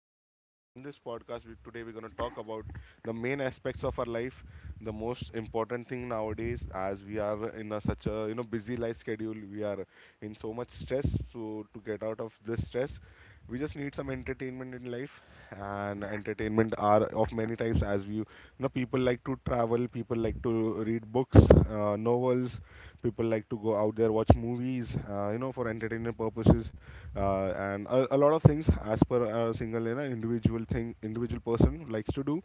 Anas, and on this podcast today we're going to talk about the main aspects of our life, the most important thing nowadays as we are in such a busy life schedule. We are in so much stress, so to get out of this stress, we just need some entertainment in life, and entertainment are of many types, as we you know people like to travel, people like to read books, novels, people like to go out there, watch movies, for entertainment purposes, and a lot of things, as per a single individual thing, individual person likes to do.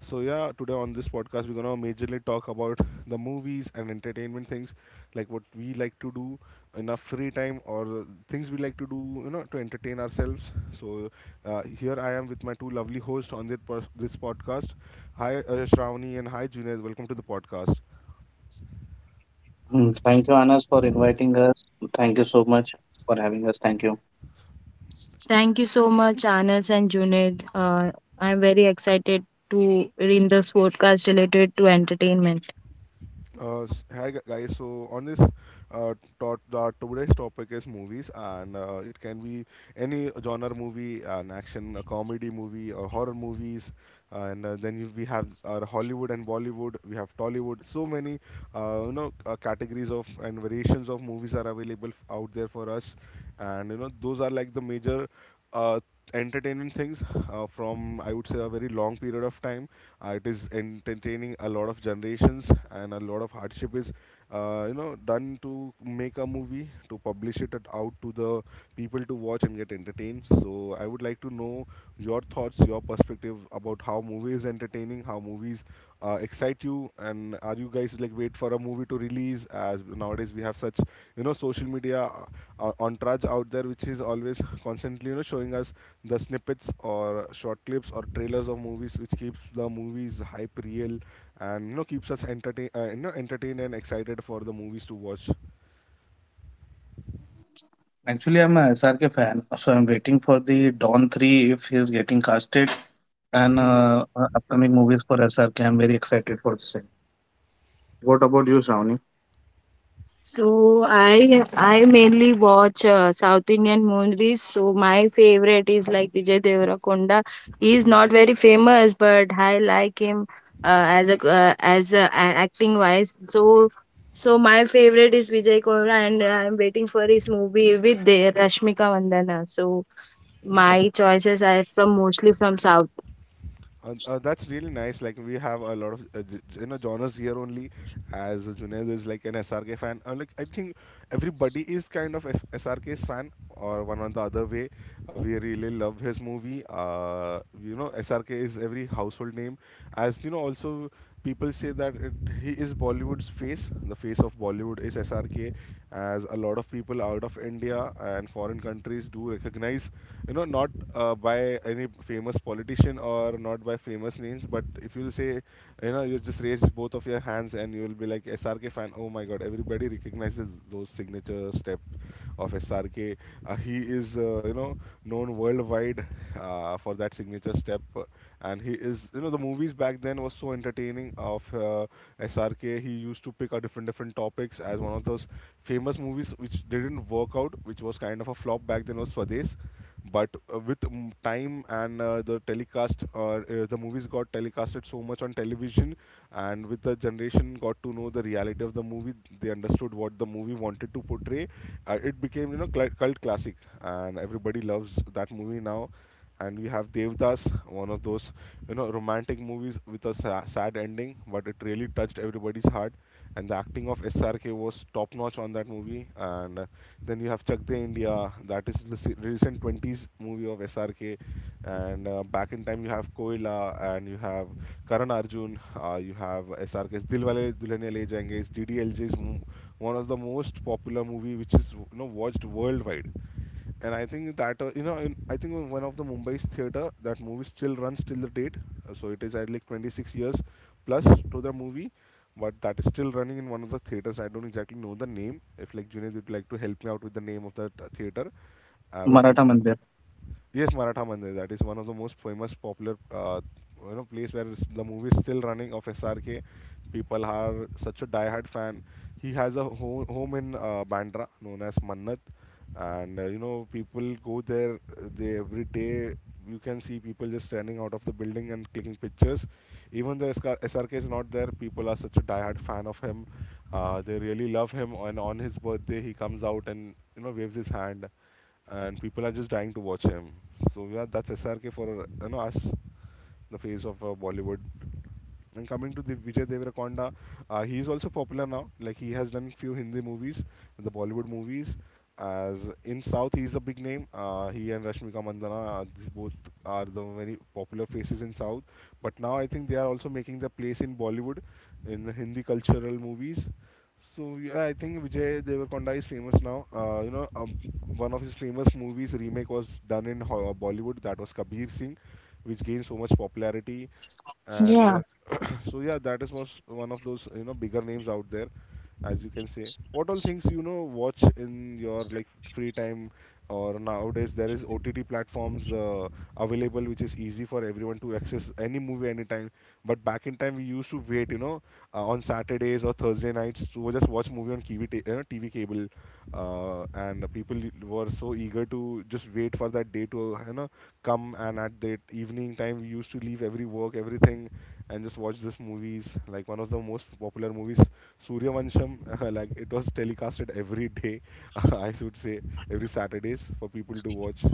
So yeah, today on this podcast we're gonna majorly talk about the movies and entertainment things, like what we like to do in our free time, or things we like to do, you know, to entertain ourselves. So here I am with my two lovely hosts on this podcast. Hi, Shravani, and hi, Junaid. Welcome to the podcast. Thank you, Anas, for inviting us. Thank you so much for having us. Thank you. Thank you so much, Anas and Junaid. I'm very excited to read this podcast related to entertainment. Hi guys. So on this, uh, today's topic is movies, and it can be any genre movie, an action, a comedy movie, or horror movies, and then we have our Hollywood and Bollywood. We have Tollywood. So many categories of and variations of movies are available out there for us, and those are like the major Uh, entertaining things, from I would say a very long period of time. It is entertaining a lot of generations, and a lot of hardship is done to make a movie, to publish it out to the people to watch and get entertained. So I would like to know your thoughts, your perspective about how movies entertaining, how movies excite you, and are you guys like wait for a movie to release? As nowadays we have such social media entourage out there, which is always constantly showing us the snippets or short clips or trailers of movies, which keeps the movies hype real, and keeps us entertained and excited for the movies to watch. Actually, I'm a SRK fan, so I'm waiting for the Dawn 3 if he's getting casted and Hmm. Upcoming movies for SRK. I'm very excited for the same. What about you, Shravani? So I mainly watch South Indian movies. So my favorite is like Vijay Deverakonda. He is not very famous, but I like him acting wise. So my favorite is Vijay Deverakonda, and I'm waiting for his movie with the Rashmika Mandana. So my choices are from mostly from South. That's really nice. Like we have a lot of genres here only. As Junaid is like an SRK fan, like I think everybody is kind of SRK's fan, or one or the other way. We really love his movie. SRK is every household name. As you know, also people say that he is Bollywood's face. The face of Bollywood is SRK, as a lot of people out of India and foreign countries do recognize, not by any famous politician, or not by famous names, but if you'll say, you just raise both of your hands and you will be like SRK fan. Oh my god, everybody recognizes those signature step of SRK. He is, known worldwide for that signature step. And he is, the movies back then was so entertaining of SRK. He used to pick a different different topics, as one of those famous movies which didn't work out, which was kind of a flop back then, was Swades. But time, and the movies got telecasted so much on television, and with the generation, got to know the reality of the movie. They understood what the movie wanted to portray. It became, cult classic, and everybody loves that movie now. And we have Devdas, one of those romantic movies with a sad ending, but it really touched everybody's heart, and the acting of SRK was top notch on that movie. And then you have Chak De India. That is the recent 20s movie of SRK. And back in time, you have Koila, and you have Karan Arjun, you have SRK's Dilwale Dulhania Le Jayenge, is DDLJ's one of the most popular movie, which is watched worldwide. And I think that I think one of the Mumbai's theater, that movie still runs till the date. So it is at like 26 years plus to the movie, but that is still running in one of the theaters. I don't exactly know the name. If like Junaid would like to help me out with the name of that theater, where Maratha people. Mandir. Yes, Maratha Mandir. That is one of the most famous, popular, place where the movie is still running of SRK. People are such a diehard fan. He has a home in Bandra, known as Mannat, and people go there. They every day you can see people just standing out of the building and clicking pictures. Even though SK SRK is not there, people are such a diehard fan of him. They really love him, and on his birthday, he comes out and waves his hand, and people are just dying to watch him. So yeah, that's SRK for us, the face of Bollywood. And coming to the Vijay Deverakonda, he is also popular now. Like he has done few Hindi movies, the Bollywood movies. As in South, he is a big name. He and Rashmika Mandana, these both are the very popular faces in South. But now I think they are also making their place in Bollywood, in the Hindi cultural movies. So yeah, I think Vijay Deverakonda is famous now. One of his famous movies remake was done in Bollywood. That was Kabir Singh, which gained so much popularity. And Yeah. yeah, so yeah, that is was one of those bigger names out there, as you can say. What all things watch in your like free time? Or nowadays there is OTT platforms available, which is easy for everyone to access any movie anytime. But back in time we used to wait, on Saturdays or Thursday nights, to just watch movie on tv, ta- you know, TV cable, and people were so eager to just wait for that day to come, and at that evening time we used to leave every work, everything, and just watch this movies, like one of the most popular movies, Surya Vansham. Like it was telecasted every day. I should say every Saturdays for people to watch.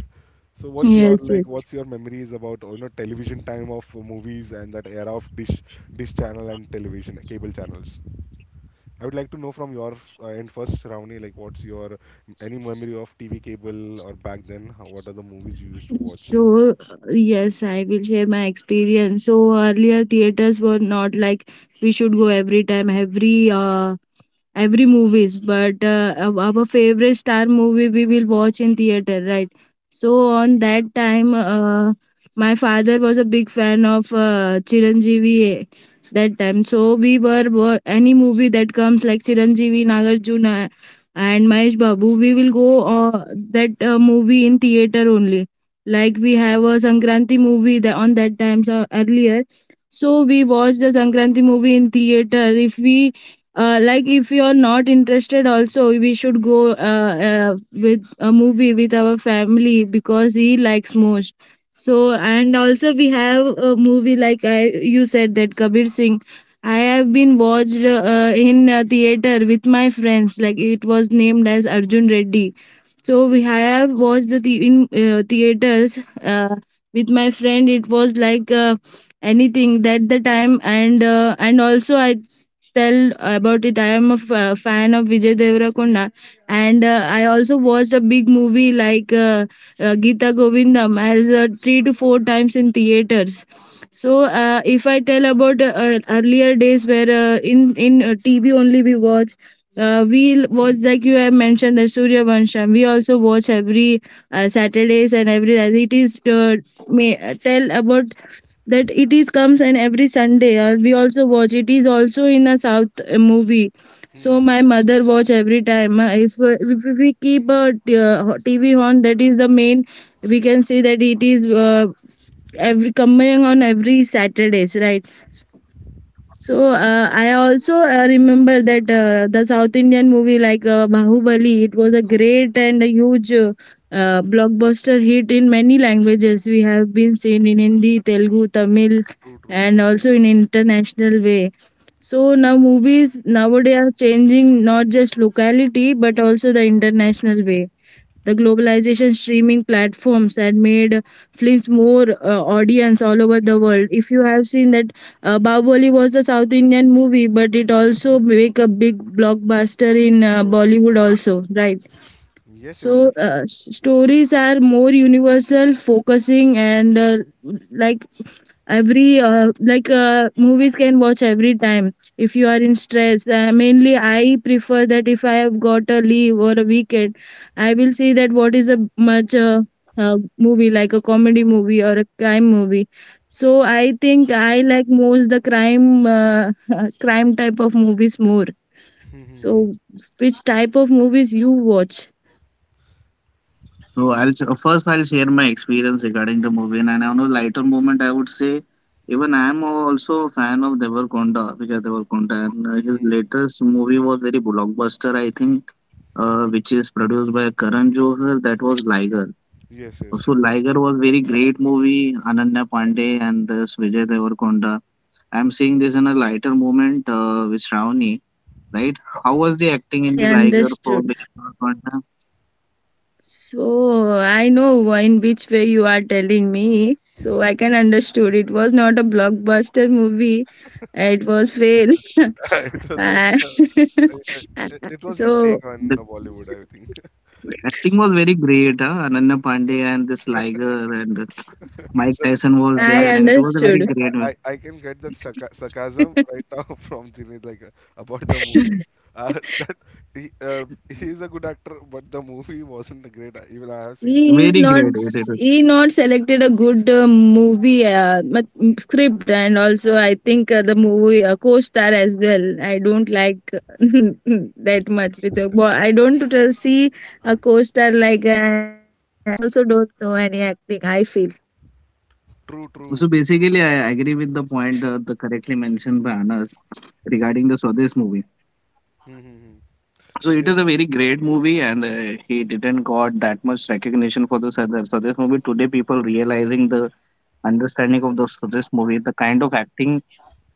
So what's your Yes, like yes. what's your memories about television, time of movies, and that era of dish channel and television cable channels. I would like to know from your end first, Ravani, like what's your any memory of TV cable or back then. What are the movies you used to watch? So, yes, I will share my experience. So, earlier theaters were not like we should go every time, every movies, but our favorite star movie we will watch in theater, right? So, on that time, my father was a big fan of Chiranjeevi that time. So, we were any movie that comes like Chiranjeevi, Nagarjuna, and Mahesh Babu, we will go uh, that movie in theater only. Like we have a sankranti movie that on that times earlier, so we watched the sankranti movie in theater. If we like if you're not interested also, we should go with a movie with our family because he likes most. So and also we have a movie like, I, you said that kabir singh, I have been watched in a theater with my friends. Like it was named as arjun reddy, so we have watched theaters with my friend. It was like anything that the time, and also I tell about it. I am a fan of Vijay Deverakonda, and I also watched a big movie like Gita Govindam as three to four times in theaters. So if I tell about earlier days, where in TV only we watch. We watch, like you have mentioned, the Surya Vansham. We also watch every Saturdays and every. It is may tell about that, it is comes and every Sunday. We also watch. It is also in a South movie. So Hmm. my mother watch every time. If we keep a TV on, that is the main. We can say that it is every coming on every Saturdays, right? So I also remember that the South Indian movie like Bahubali, it was a great and a huge blockbuster hit in many languages. We have been seen in Hindi, Telugu, Tamil, True, true. and also in international way. So now movies nowadays are changing not just locality but also the international way. The globalization streaming platforms had made films more audience all over the world. If you have seen that, Bahubali was a South Indian movie, but it also make a big blockbuster in Bollywood also, right? Yes, yes, So definitely. Stories are more universal, focusing and like every like movies can watch every time if you are in stress. Mainly I prefer that if I have got a leave or a weekend, I will see that what is a much movie like a comedy movie or a crime movie. So I think I like most the crime, crime type of movies more. So Mhm. which type of movies you watch? So first I'll share my experience regarding the movie, and on a lighter moment, I would say even I am also a fan of Devarkonda, Vijay Devarkonda, and his latest movie was very blockbuster. I think which is produced by Karan Johar. That was Liger. Yes, yes, So true. Liger was very great movie. Ananya Pandey and this Vijay Devarkonda. I'm seeing this in a lighter moment with Shravani. Right? How was the acting in I the Liger for understood. Vijay Devarkonda? So I know in which way you are telling me. So I can understood. It was not a blockbuster movie. It was fail. it was like And uh, I, I, it was his so take The on the Bollywood, I think. acting was very great. Huh? Ananya Pandey and this Liger and Mike That- Tyson was I, there, I I, and it was a I, very understood. ca- great one. I can get that sarcasm right now, from Jinesh, like about the movie. Uh, that he, uh, he is a good actor, but the movie wasn't a great. Even I have seen the movie. He is Very not great. It, it he not selected a good script, and also I think the movie co-star as well I don't like that much. With a boy I don't see a co-star like she also don't know any acting, I feel. True, was. So true. basically, I agree with the point the correctly mentioned by Anas regarding the Swades movie. Mm-hmm. So it Yes. is a very great movie, and he didn't got that much recognition for this other. So this movie today, people realizing the understanding of the Swades movie, the kind of acting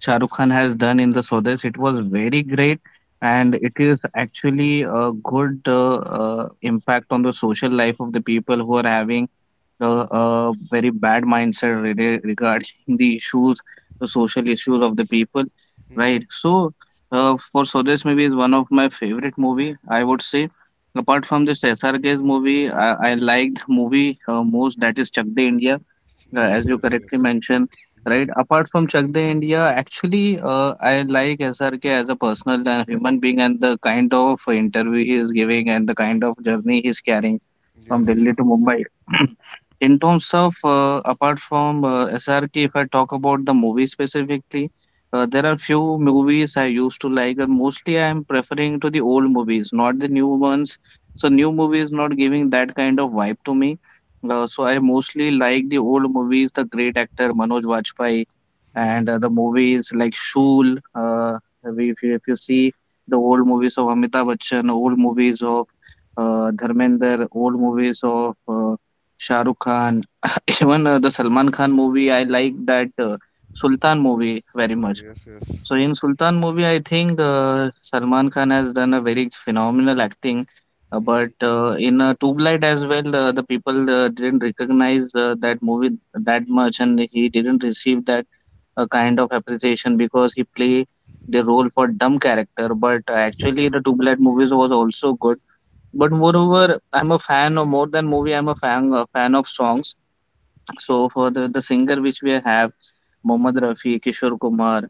Shah Rukh Khan has done in the Swades, it was very great, and it is actually a good impact on the social life of the people who are having the a very bad mindset regarding the issues, the social issues of the people, Mm-hmm. right? So this movie is one of my favorite movie, I would say, apart from this SRK's movie. I like the movie most, that is Chak De India, Yes, as you yes, correctly yes. mentioned. Right. Mhm. Apart from Chak De India, actually, I like SRK as a personal human being and the kind of interview he is giving and the kind of journey he is carrying from Yes, Delhi yes, to yes. Mumbai. In terms of apart from SRK, if I talk about the movie specifically, there are few movies I used to like. And Mostly, I am preferring to the old movies, not the new ones. So new movies not giving that kind of vibe to me. So I mostly like the old movies, the great actor Manoj Vajpayee, Mhm. and the movies like Shool. If you see the old movies of Amitabh Bachchan, old movies of Dharmender, old movies of Shah Rukh Khan, even the Salman Khan movie. I like that Sultan movie very Sultan, much. yes, yes. So in Sultan movie, I think Salman Khan has done a very phenomenal acting. Uh, but Mhm. uh, in Tube Light as well, the people didn't recognize that movie that much, and he didn't receive that kind of appreciation because he play the role for dumb character. But Yes, actually, yes, the Tube Light movies was also good, but moreover, I'm a fan of more than movie. I'm a fan of songs. So for the singer which we have, Mohammad Rafi, Kishore Kumar,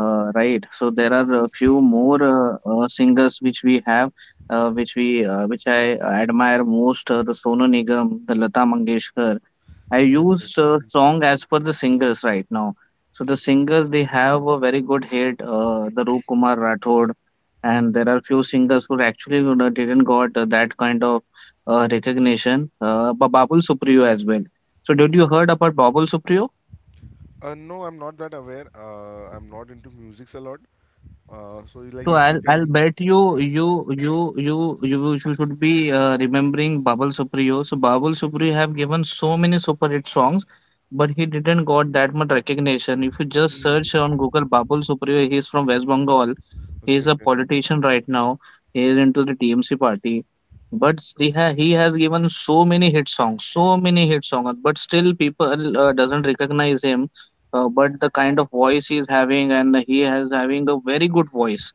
right? So there are a yes. few more singers which we have, which I admire most. The Sonu Nigam, the Lata Mangeshkar, I Yes, used yes. Mm. song as per the singers right now. So the singers they have a very good hit, the Rup Kumar Rathod, and there are few singers who actually, you know, didn't got that kind of recognition. But Babul Supriyo as well. So did you heard about Babul Supriyo? No, I'm not that aware. I'm not into musics a lot. So like So if I'll you I'll can. bet you you you should be remembering Babul Supriyo. So Babul Supriyo have given so many super hit songs, but he didn't got that much recognition. If you just Mm. search on Google Babul Supriyo, he is from West Bengal. He is Okay, a okay. Mm, politician right now. He is into the TMC party, but he has given so many hit songs, so many hit songs. But still, people doesn't recognize him. But the kind of voice he is having, and he has having a very good voice,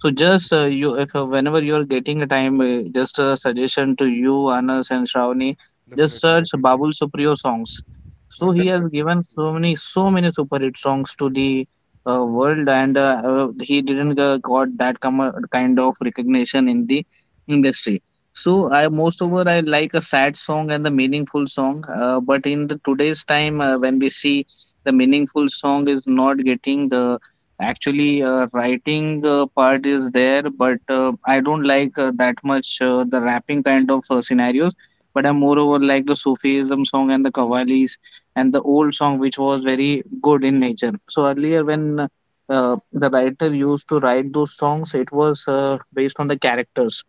so just mm, mm. If whenever you are getting a time, just a suggestion to you, Anas and Shravani, just Definitely, search definitely. Babul Supriyo songs. So he has Definitely. Mhm. given so many, so many super hit songs to the world, and he didn't got that kind of recognition in the industry. So I most over I like a sad song and the meaningful song, but in the today's time when we see the meaningful song is not getting the. Actually, writing part is there, but I don't like that much the rapping kind of scenarios. But I'm moreover like the Sufism song and the Qawwalis and the old song, which was very good in nature. So earlier, True, when true. The writer used to write those songs, it was based on the characters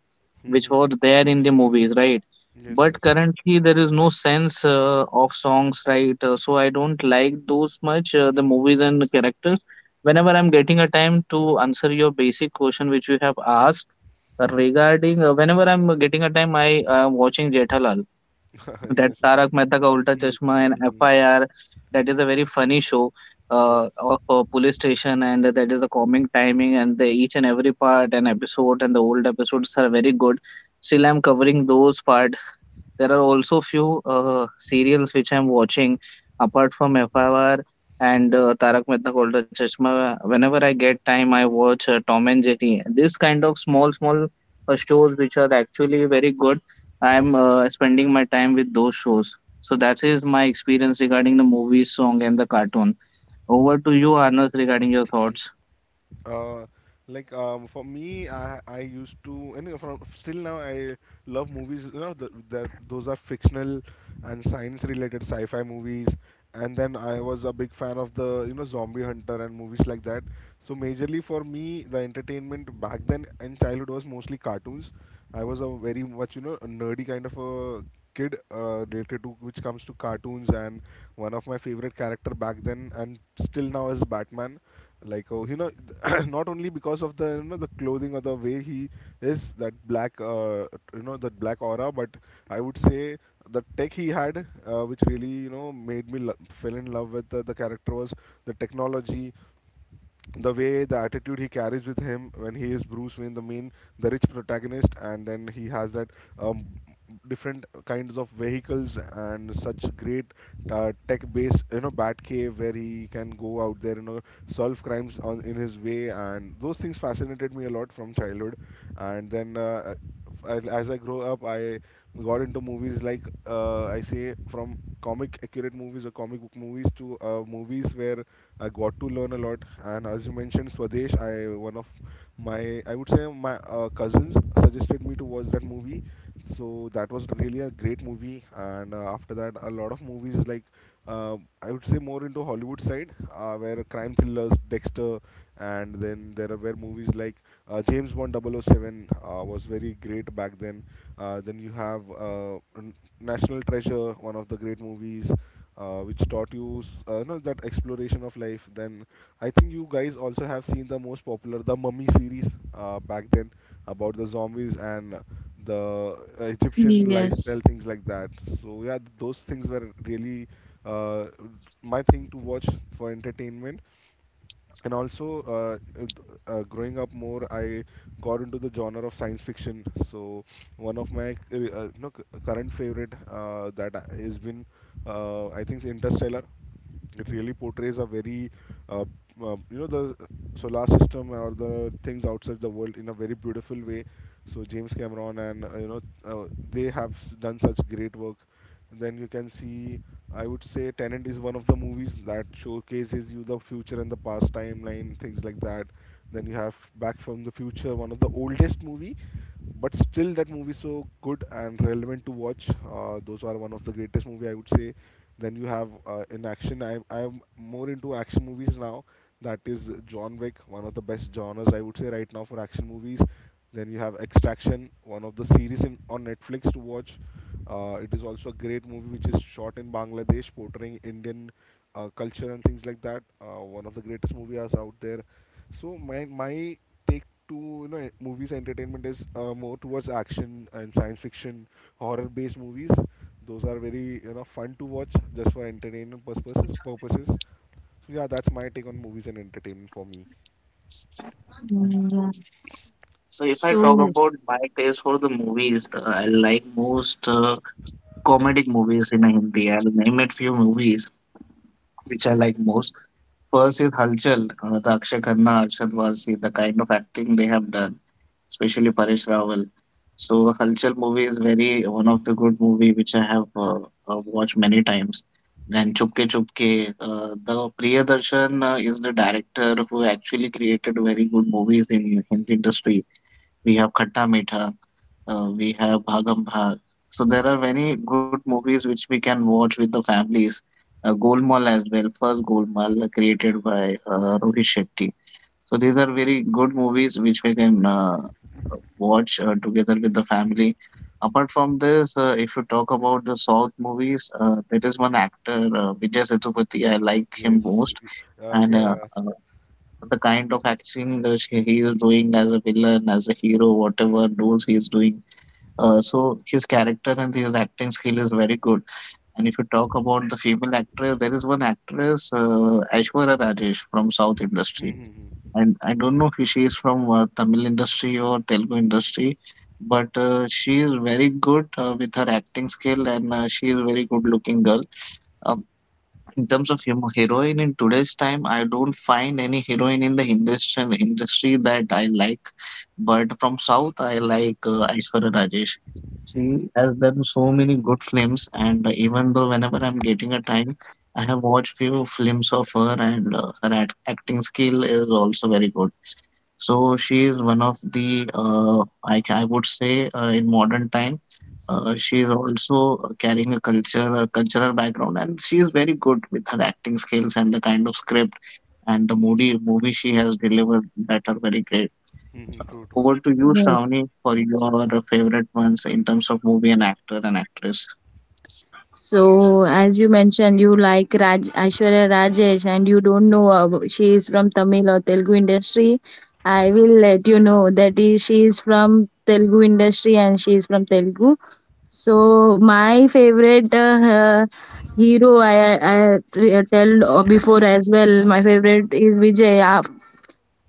which Hmm. was there in the movies, right? Yes, But yes. currently, there is no sense of songs, right? So I don't like those much the movies and the characters whenever I'm getting a time to answer your basic question which you have asked regarding whenever I'm getting a time, I am watching Jethalal, that Yes. Tarak Mehta Ka Ulta Mm, Chashma and mm. FIR. That is a very funny show Yes. Of a police station, and that is the comic timing and the each and every part and episode and the old episodes are very good. Still, I'm covering those part. There are also few serials which I'm watching apart from FIR and Tarak Mehta ka Ulta Chashma. Whenever I get time, I watch Tom and Jerry. This kind of small, small shows which are actually very good. I'm spending my time with those shows. So that is my experience regarding the movies, song, and the cartoon. Over to you, Arnas, regarding your thoughts. Uh, like, for me, I used to, and from still now I love movies. You know that that those are fictional and science related sci-fi movies. And then I was a big fan of the Zombie Hunter and movies like that. So majorly for me, the entertainment back then in childhood was mostly cartoons. I was a very much a nerdy kind of a kid related to which comes to cartoons, and one of my favorite character back then and still now is Batman. like oh you know not only because of the the clothing or the way he is, that black that black aura, but I would say the tech he had, which really made me fell in love with the character, was the technology, the way, the attitude he carries with him when he is Bruce Wayne, the main, the rich protagonist, and then he has that um, different kinds of vehicles and such great tech-based, Batcave, where he can go out there, solve crimes on in his way, and those things fascinated me a lot from childhood. And then uh, and as I grow up, I got into movies like, I say, from comic accurate movies or comic book movies to movies where I got to learn a lot. And as you mentioned, Swadesh, I, one of my, I would say my cousins suggested me to watch that movie. So that was really a great movie. And after that, a lot of movies like I would say more into Hollywood side, where crime thrillers, Dexter, and then there were movies like James Bond double oh 007 was very great back then. Then you have National Treasure, one of the great movies, which taught you s- no, that exploration of life. Then I think you guys also have seen the most popular, the Mummy series, back then, about the zombies and the Egyptian Yes. lifestyle, things like that. So yeah, those things were really, uh, my thing to watch for entertainment. And also, uh, uh, growing up more, I got into the genre of science fiction. So one of my, current favorite, that has been, I think, Interstellar. It really portrays a very, uh, the solar system or the things outside the world in a very beautiful way. So James Cameron and, they have done such great work. Then you can see, I would say, Tenant is one of the movies that showcases you the future and the past timeline, things like that. Then you have Back from the Future, one of the oldest movie, but still that movie so good and relevant to watch. Those are one of the greatest movie, I would say. Then you have, in action, I am more into action movies now. That is John Wick, one of the best genres I would say right now for action movies. Then you have Extraction, one of the series on Netflix to watch. It is also a great movie which is shot in Bangladesh portraying Indian culture and things like that. One of the greatest movies out there. So my to you know movies entertainment is more towards action and science fiction, horror based movies. Those are very fun to watch just for entertainment purposes. So yeah, that's my take on movies and entertainment for me. Mm, yeah. So if I talk So, about my taste for the movies, I Mhm, like most comedic movies in Hindi. I'll name it few movies which I like most. First is Halchal, the Akshay Khanna, Arshad Varsi, the kind of acting they have done, especially Paresh Rawal. So Halchal movie is very one of the good movie which I have watched many times. Then Chupke Chupke, the Priyadarshan is the director who actually created very good movies in Hindi industry. We have Khatta Meetha. We have Bhagam Bhag. So there are many good movies which we can watch with the families. Golmaal as well, first Golmaal created by Rohit Shetty. So these are very good movies which we can watch together with the mhm, family. Apart from this, if you talk about the South movies, there is one actor, Vijay Sethupathi, I like him yes. most. And Yeah, yeah. The kind of acting that he is doing as a villain, as a hero, whatever roles he is doing, so his character and his acting skill is very good. And if you talk about the female actress, there is one actress, Aishwarya Rajesh from South industry, Mhm, mhm, and I don't know if she is from Tamil industry or Telugu industry, but she is very good with her acting skill, and she is very good looking girl. Uh, in terms of heroine in today's time, I don't find any heroine in the Hindustan industry that I like. But from South, I like Aishwarya Rajesh. mhm. She has done so many good films, and even though whenever I'm getting a time, I have watched few films of her, and her acting skill is also very good. So she is one of the I would say in modern time she is also carrying a cultural background, and she is very good with her acting skills and the kind of script and the movie she has delivered, that are very great. Hmm. True, true. Over to you, yes. Shravani, for your favorite ones in terms of movie and actor and actress. So, as you mentioned, you like Raj Aishwarya Rajesh, and you don't know she is from Tamil or Telugu industry. I will let you know that is, she is from Telugu industry and she is from Telugu. So, my favorite hero, I tell before as well. My favorite is Vijay.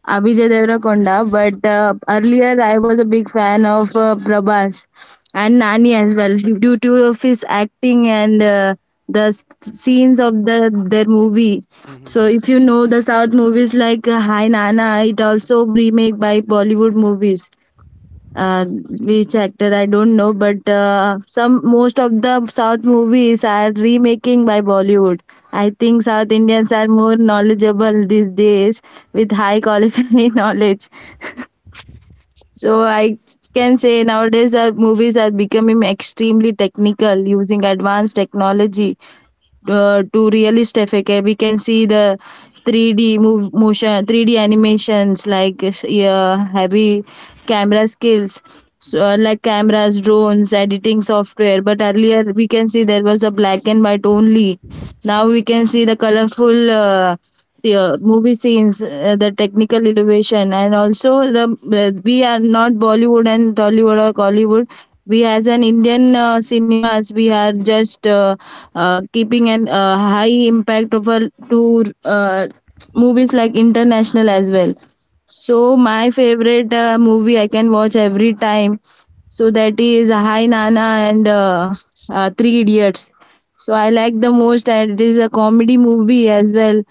Abhijay Deverakonda, but earlier I was a big fan of Prabhas and Nani as well due to of his acting and the s- scenes of the their movie. Mhm, So mhm. if you know the South movies like Hi Nana, it also remake by Bollywood movies, which actor I don't know, but some most of the South movies are remaking by Bollywood. I think South Indians are more knowledgeable these days with high qualified knowledge. So I can say nowadays our movies are becoming extremely technical using advanced technology to realist effect. We can see the 3D move motion 3D animations, like heavy camera skills. So, like cameras, drones, editing software, but earlier we can see there was a black and white only. Now we can see the colorful the movie scenes, the technical innovation, and also the we are not bollywood and tollywood or collywood. We as an indian cinemas, we are just keeping an high impact of our to movies like international as well. So my favorite movie I can watch every time, so that is hi nana and three idiots. So I like the most, and it is a comedy movie as well.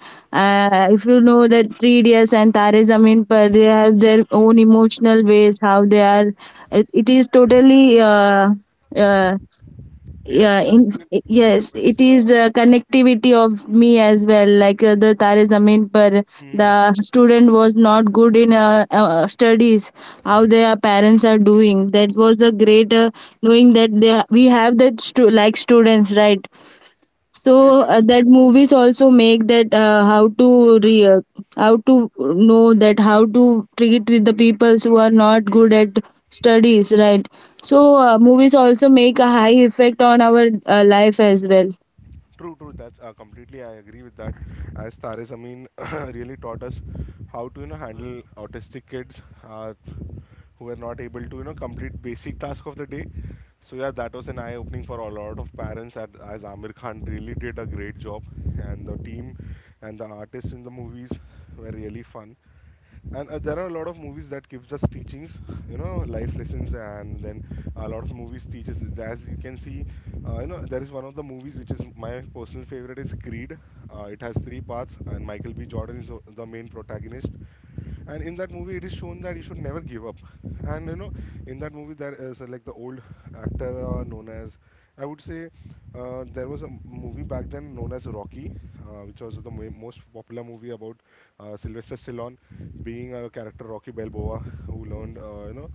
If you know that three idiots and tare zameen par, they have their own emotional ways how they are. It is totally uh, Yeah, yeah in, I think it yes, it depends, is the connectivity of me as well. Like the tare zamin par, the mhm, student was not good in studies, how their parents are doing. That was a great, knowing that they, we have that like students, right? So yes, yes. That movies also make that how to know that how to treat with the peoples who are not good at studies, right? So movies also make a high effect on our life as well. True, true. That's completely, I agree with that. As Tare Zameen really taught us how to handle autistic kids, uh, who were not able to complete basic task of the day. So yeah, that was an eye opening for a lot of parents. As Amir Khan really did a great job, and the team and the artists in the movies were really fun. And there are a lot of movies that gives us teachings, life lessons. And then a lot of movies teaches as you can see, there is one of the movies which is my personal favorite is Creed. It has three parts, and Michael B Jordan is the main protagonist. And in that movie, it is shown that you should never give up. And in that movie there is, like the old actor, known as, I would say, there was a movie back then known as Rocky, which was the most popular movie about, Sylvester Stallone being a character Rocky Balboa, who learned,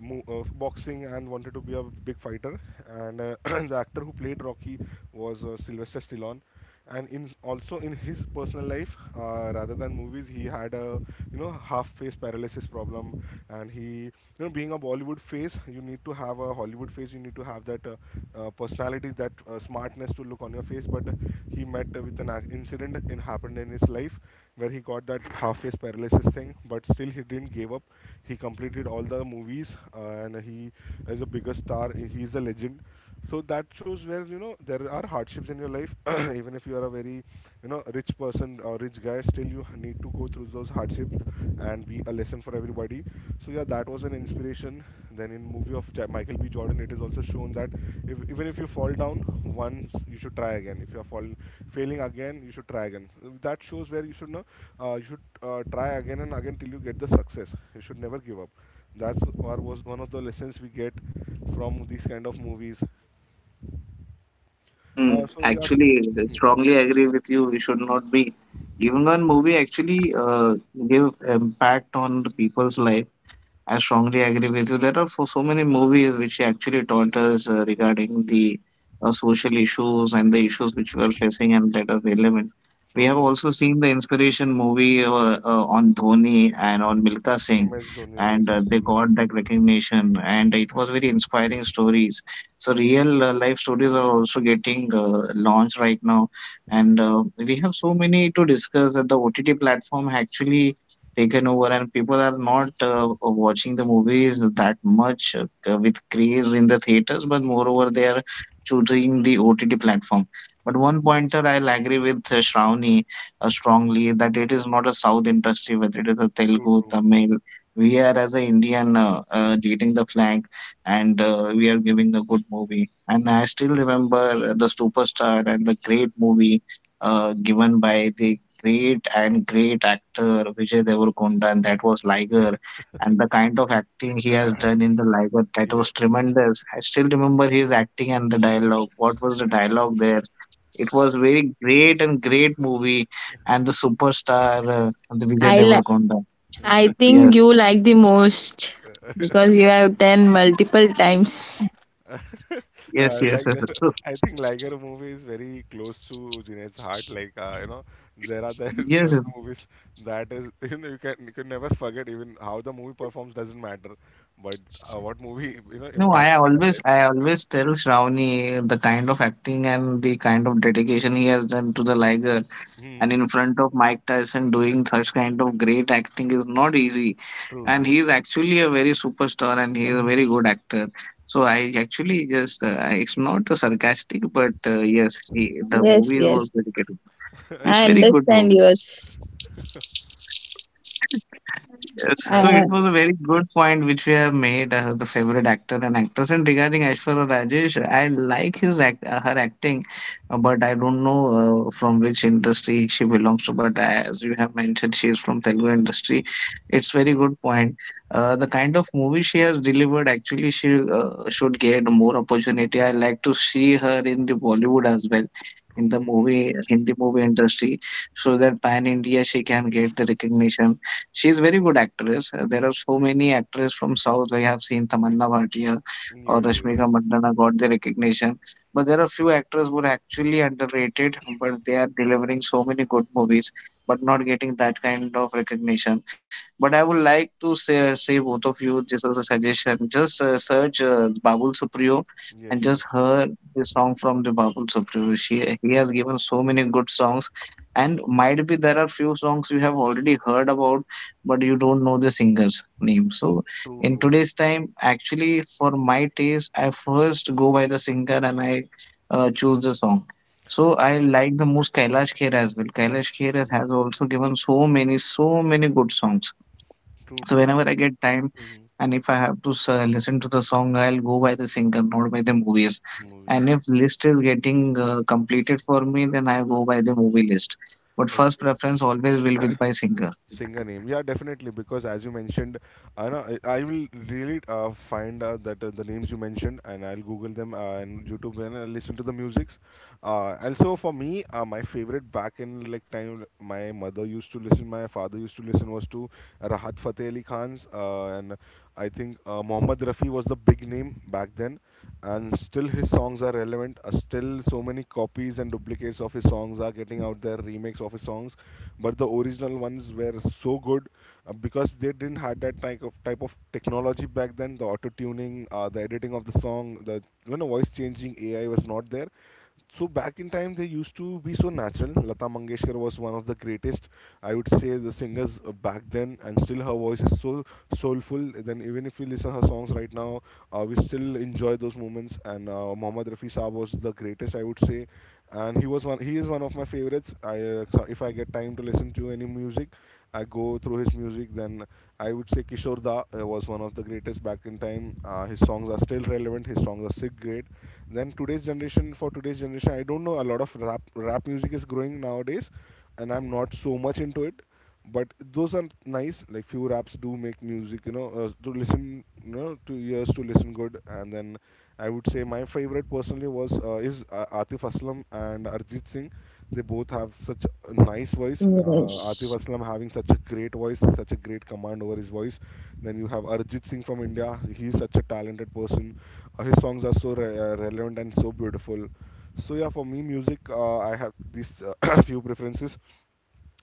boxing and wanted to be a big fighter. And the actor who played Rocky was, Sylvester Stallone. And in, also in his personal life, rather than movies, he had a, half face paralysis problem. And he, being a Bollywood face, you need to have a Hollywood face, you need to have that, personality, that smartness to look on your face. But he met, with an incident, it happened in his life, where he got that half face paralysis thing, but still he didn't give up. He completed all the movies, and he is a bigger star. He is a legend. So that shows where, there are hardships in your life. Even if you are a very, rich person or rich guy, still you need to go through those hardships and be a lesson for everybody. So yeah, that was an inspiration. Then in movie of Michael B Jordan, it is also shown that, if, even if you fall down once, you should try again. If you are falling, failing again, you should try again. That shows where you should know, you should, try again and again till you get the success. You should never give up. That's or was one of the lessons we get from these kind of movies. Mm, So yeah, actually, I hmm, strongly agree with you. We should not be giving one movie actually give impact on the people's life. I strongly agree with you. There are for so many movies which actually taught us regarding the social issues and the issues which we are facing and that are relevant. We true, have true. also seen the inspiration movie on Dhoni and on Milka Singh, MS Dhoni, and yes, yes, they true, got that recognition, and it was very inspiring stories. So real life stories are also getting launched right now, and we have so many to discuss that the OTT platform actually taken over and people are not watching the movies that much with craze in the theaters, but moreover they are choosing the ott platform. But one pointer I'll agree with Shravani strongly, that it is not a south industry, whether it is a true, Telugu, true. Tamil, we are as an Indian leading the flag, and we are giving a good movie. And I still remember the superstar and the great movie given by the great and great actor Vijay Devarkonda, and that was Yeah, Liger. And the kind of acting he has done in the Liger, that yeah. was tremendous. I still remember his acting and the dialogue. What was the dialogue there? It was very great and great movie, and the superstar, the Vijay I li- Devarkonda. I think Yes, you like the most because you have done multiple times. Yes, yes, Like yes. So, I think Liger movie is very close to Junaid's heart. Like, there are the yes, yes. certain movies, that is, you can, you can never forget, even how the movie performs doesn't matter, but what movie, No, impacts in your life. I always tell Shravani the kind of acting and the kind of dedication he has done to the Liger, and Hmm. in front of Mike Tyson doing such kind of great acting is not easy. True, And true. he is actually a very superstar and he is a very good actor. So I actually just it's not a sarcastic, but yes, he, the Yes, movie was yes, very good. I It's very good understand movie. yours. Yes, so That's uh, it was true. a very good point which we have made, the favorite actor and actress. And regarding Aishwarya Rajesh, I like his act, her acting, but I don't know from which industry she belongs to. But as you have mentioned, she is from Telugu industry. It's very good point. The kind of movie she has delivered, actually, she should get more opportunity. I like to see her in the Bollywood as well. In True. the movie, Hindi movie industry, so that pan India she can get the recognition. She's very good actress. There are so many actresses from South. I have seen Tamanna Bhatia Hmm. or Yes, yes, Rashmika Mandanna got the recognition, but there are few actors who are actually underrated, but they are delivering so many good movies, but not getting that kind of recognition. But I would like to say both of you, just as a suggestion, just search Babul Supriyo and yes, just yes. hear the song from the Babul Supriyo. She he has given so many good songs, and might be there are few songs you have already heard about, but you don't know the singer's name. So True, in true. today's time, actually, for my taste, I first go by the singer, and I choose the song. So I like the most Kailash Khera as well. Kailash Khera Hmm. has also given so many, so many good songs. True, So true. whenever I get time, Hmm. and if I have to listen to the song, I'll go by the singer, not by the movies. Movies. And if list is getting completed for me, then I go by the movie list. But first preference Okay. always will be by singer. Singer name. Yeah, definitely. Because as you mentioned, I know I will really, find out that, the names you mentioned, and I'll Google them, and YouTube, and I'll listen to the musics. Also for me, my favorite back in like time, my mother used to listen, my father used to listen was to Rahat Fateh Ali Khan's, and I think, Mohammad Rafi was the big name back then, and still his songs are relevant. Still, so many copies and duplicates of his songs are getting out there, remakes of his songs, but the original ones were so good, because they didn't had that type of technology back then. The auto tuning, the editing of the song, the voice changing AI was not there. So back in time, they used to be so natural. Lata Mangeshkar was one of the greatest, I would say, the singers, back then, and still her voice is so soulful. Then even if we listen her songs right now, we still enjoy those moments. And Mohammad Rafi Saab was the greatest, I would say, and he is one of my favorites. I So if I get time to listen to any music, I go through his music. Then I would say Kishore Da, was one of the greatest back in time. His songs are still relevant, his songs are sick great. Then today's generation, for today's generation, I don't know, a lot of rap music is growing nowadays, and I'm not so much into it, but those are nice, like few raps do make music, to listen, to ears, to listen good. And then I would say my favorite personally was, is, Atif Aslam and Arjit Singh. They both have such a nice voice. Atif yes, Aslam having such a great voice, such a great command over his voice. Then you have Arjit Singh from India. He's such a talented person. His songs are so relevant and so beautiful. So yeah, for me, music, I have these, few preferences.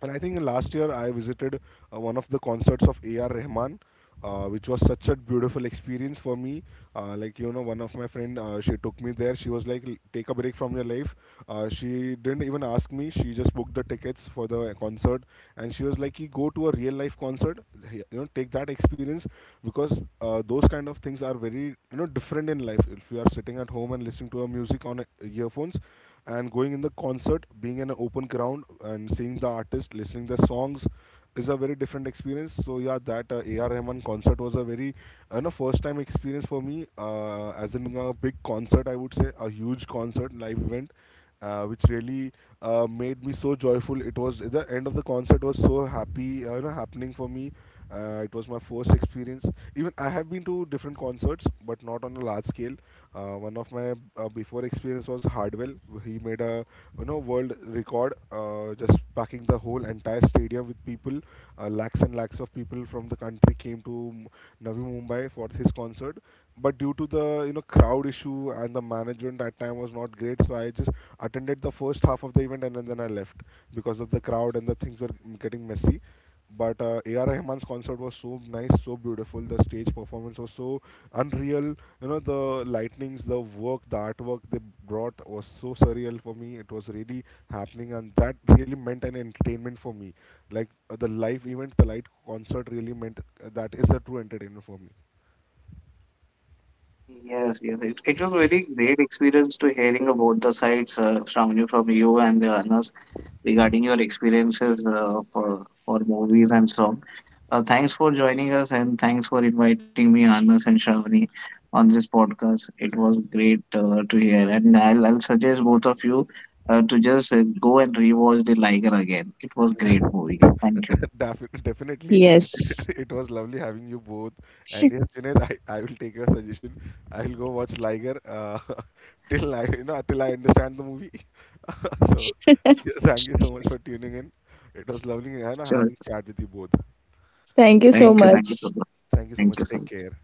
And I think last year I visited, one of the concerts of A.R. Rahman, which was such a beautiful experience for me. Like, one of my friend, she took me there. She was like, "Take a break from your life." She didn't even ask me. She just booked the tickets for the concert, and she was like, "Ki, "Go to a real life concert. You know, take that experience because, those kind of things are very, different in life. If you are sitting at home and listening to a music on, earphones, and going in the concert, being in an open ground and seeing the artist, listening the songs is a very different experience. So yeah, that, A.R. Rahman concert was a very, first time experience for me, as in a big concert, I would say a huge concert, live event, which really, made me so joyful. It was the end of the concert was so happy, happening for me. It was my first experience. Even I have been to different concerts, but not on a large scale. One of my, before experience was Hardwell. He made a, world record, just packing the whole entire stadium with people. Lakhs and lakhs of people from the country came to Navi Mumbai for his concert, but due to the, crowd issue and the management at time was not great. So I just attended the first half of the event and then I left because of the crowd and the things were getting messy. But A.R. Rahman's concert was so nice, so beautiful. The stage performance was so unreal. You know, the lightnings, the work, the artwork they brought was so surreal for me. It was really happening, and that really meant an entertainment for me. Like, the live event, the live concert really meant, that is a true entertainment for me. Yes, yes. It was very great experience to hearing about the sites, Shravani, from you and Anas, regarding your experiences for movies and song. Thanks for joining us, and thanks for inviting me, Anas and Shravani, on this podcast. It was great to hear, and I'll suggest both of you to just go and rewatch The Liger again. It was great movie. Thank you. Definitely. yes. It was lovely having you both. And yes, Junaid, I will take your suggestion. I will go watch Liger, till I, till I understand the movie. So yes, thank you so much for tuning in. It was lovely, Sure. having chat with you both. Thank you Thank so you. Thank you so much. much. Thank you so Thank you much. so Take much. care.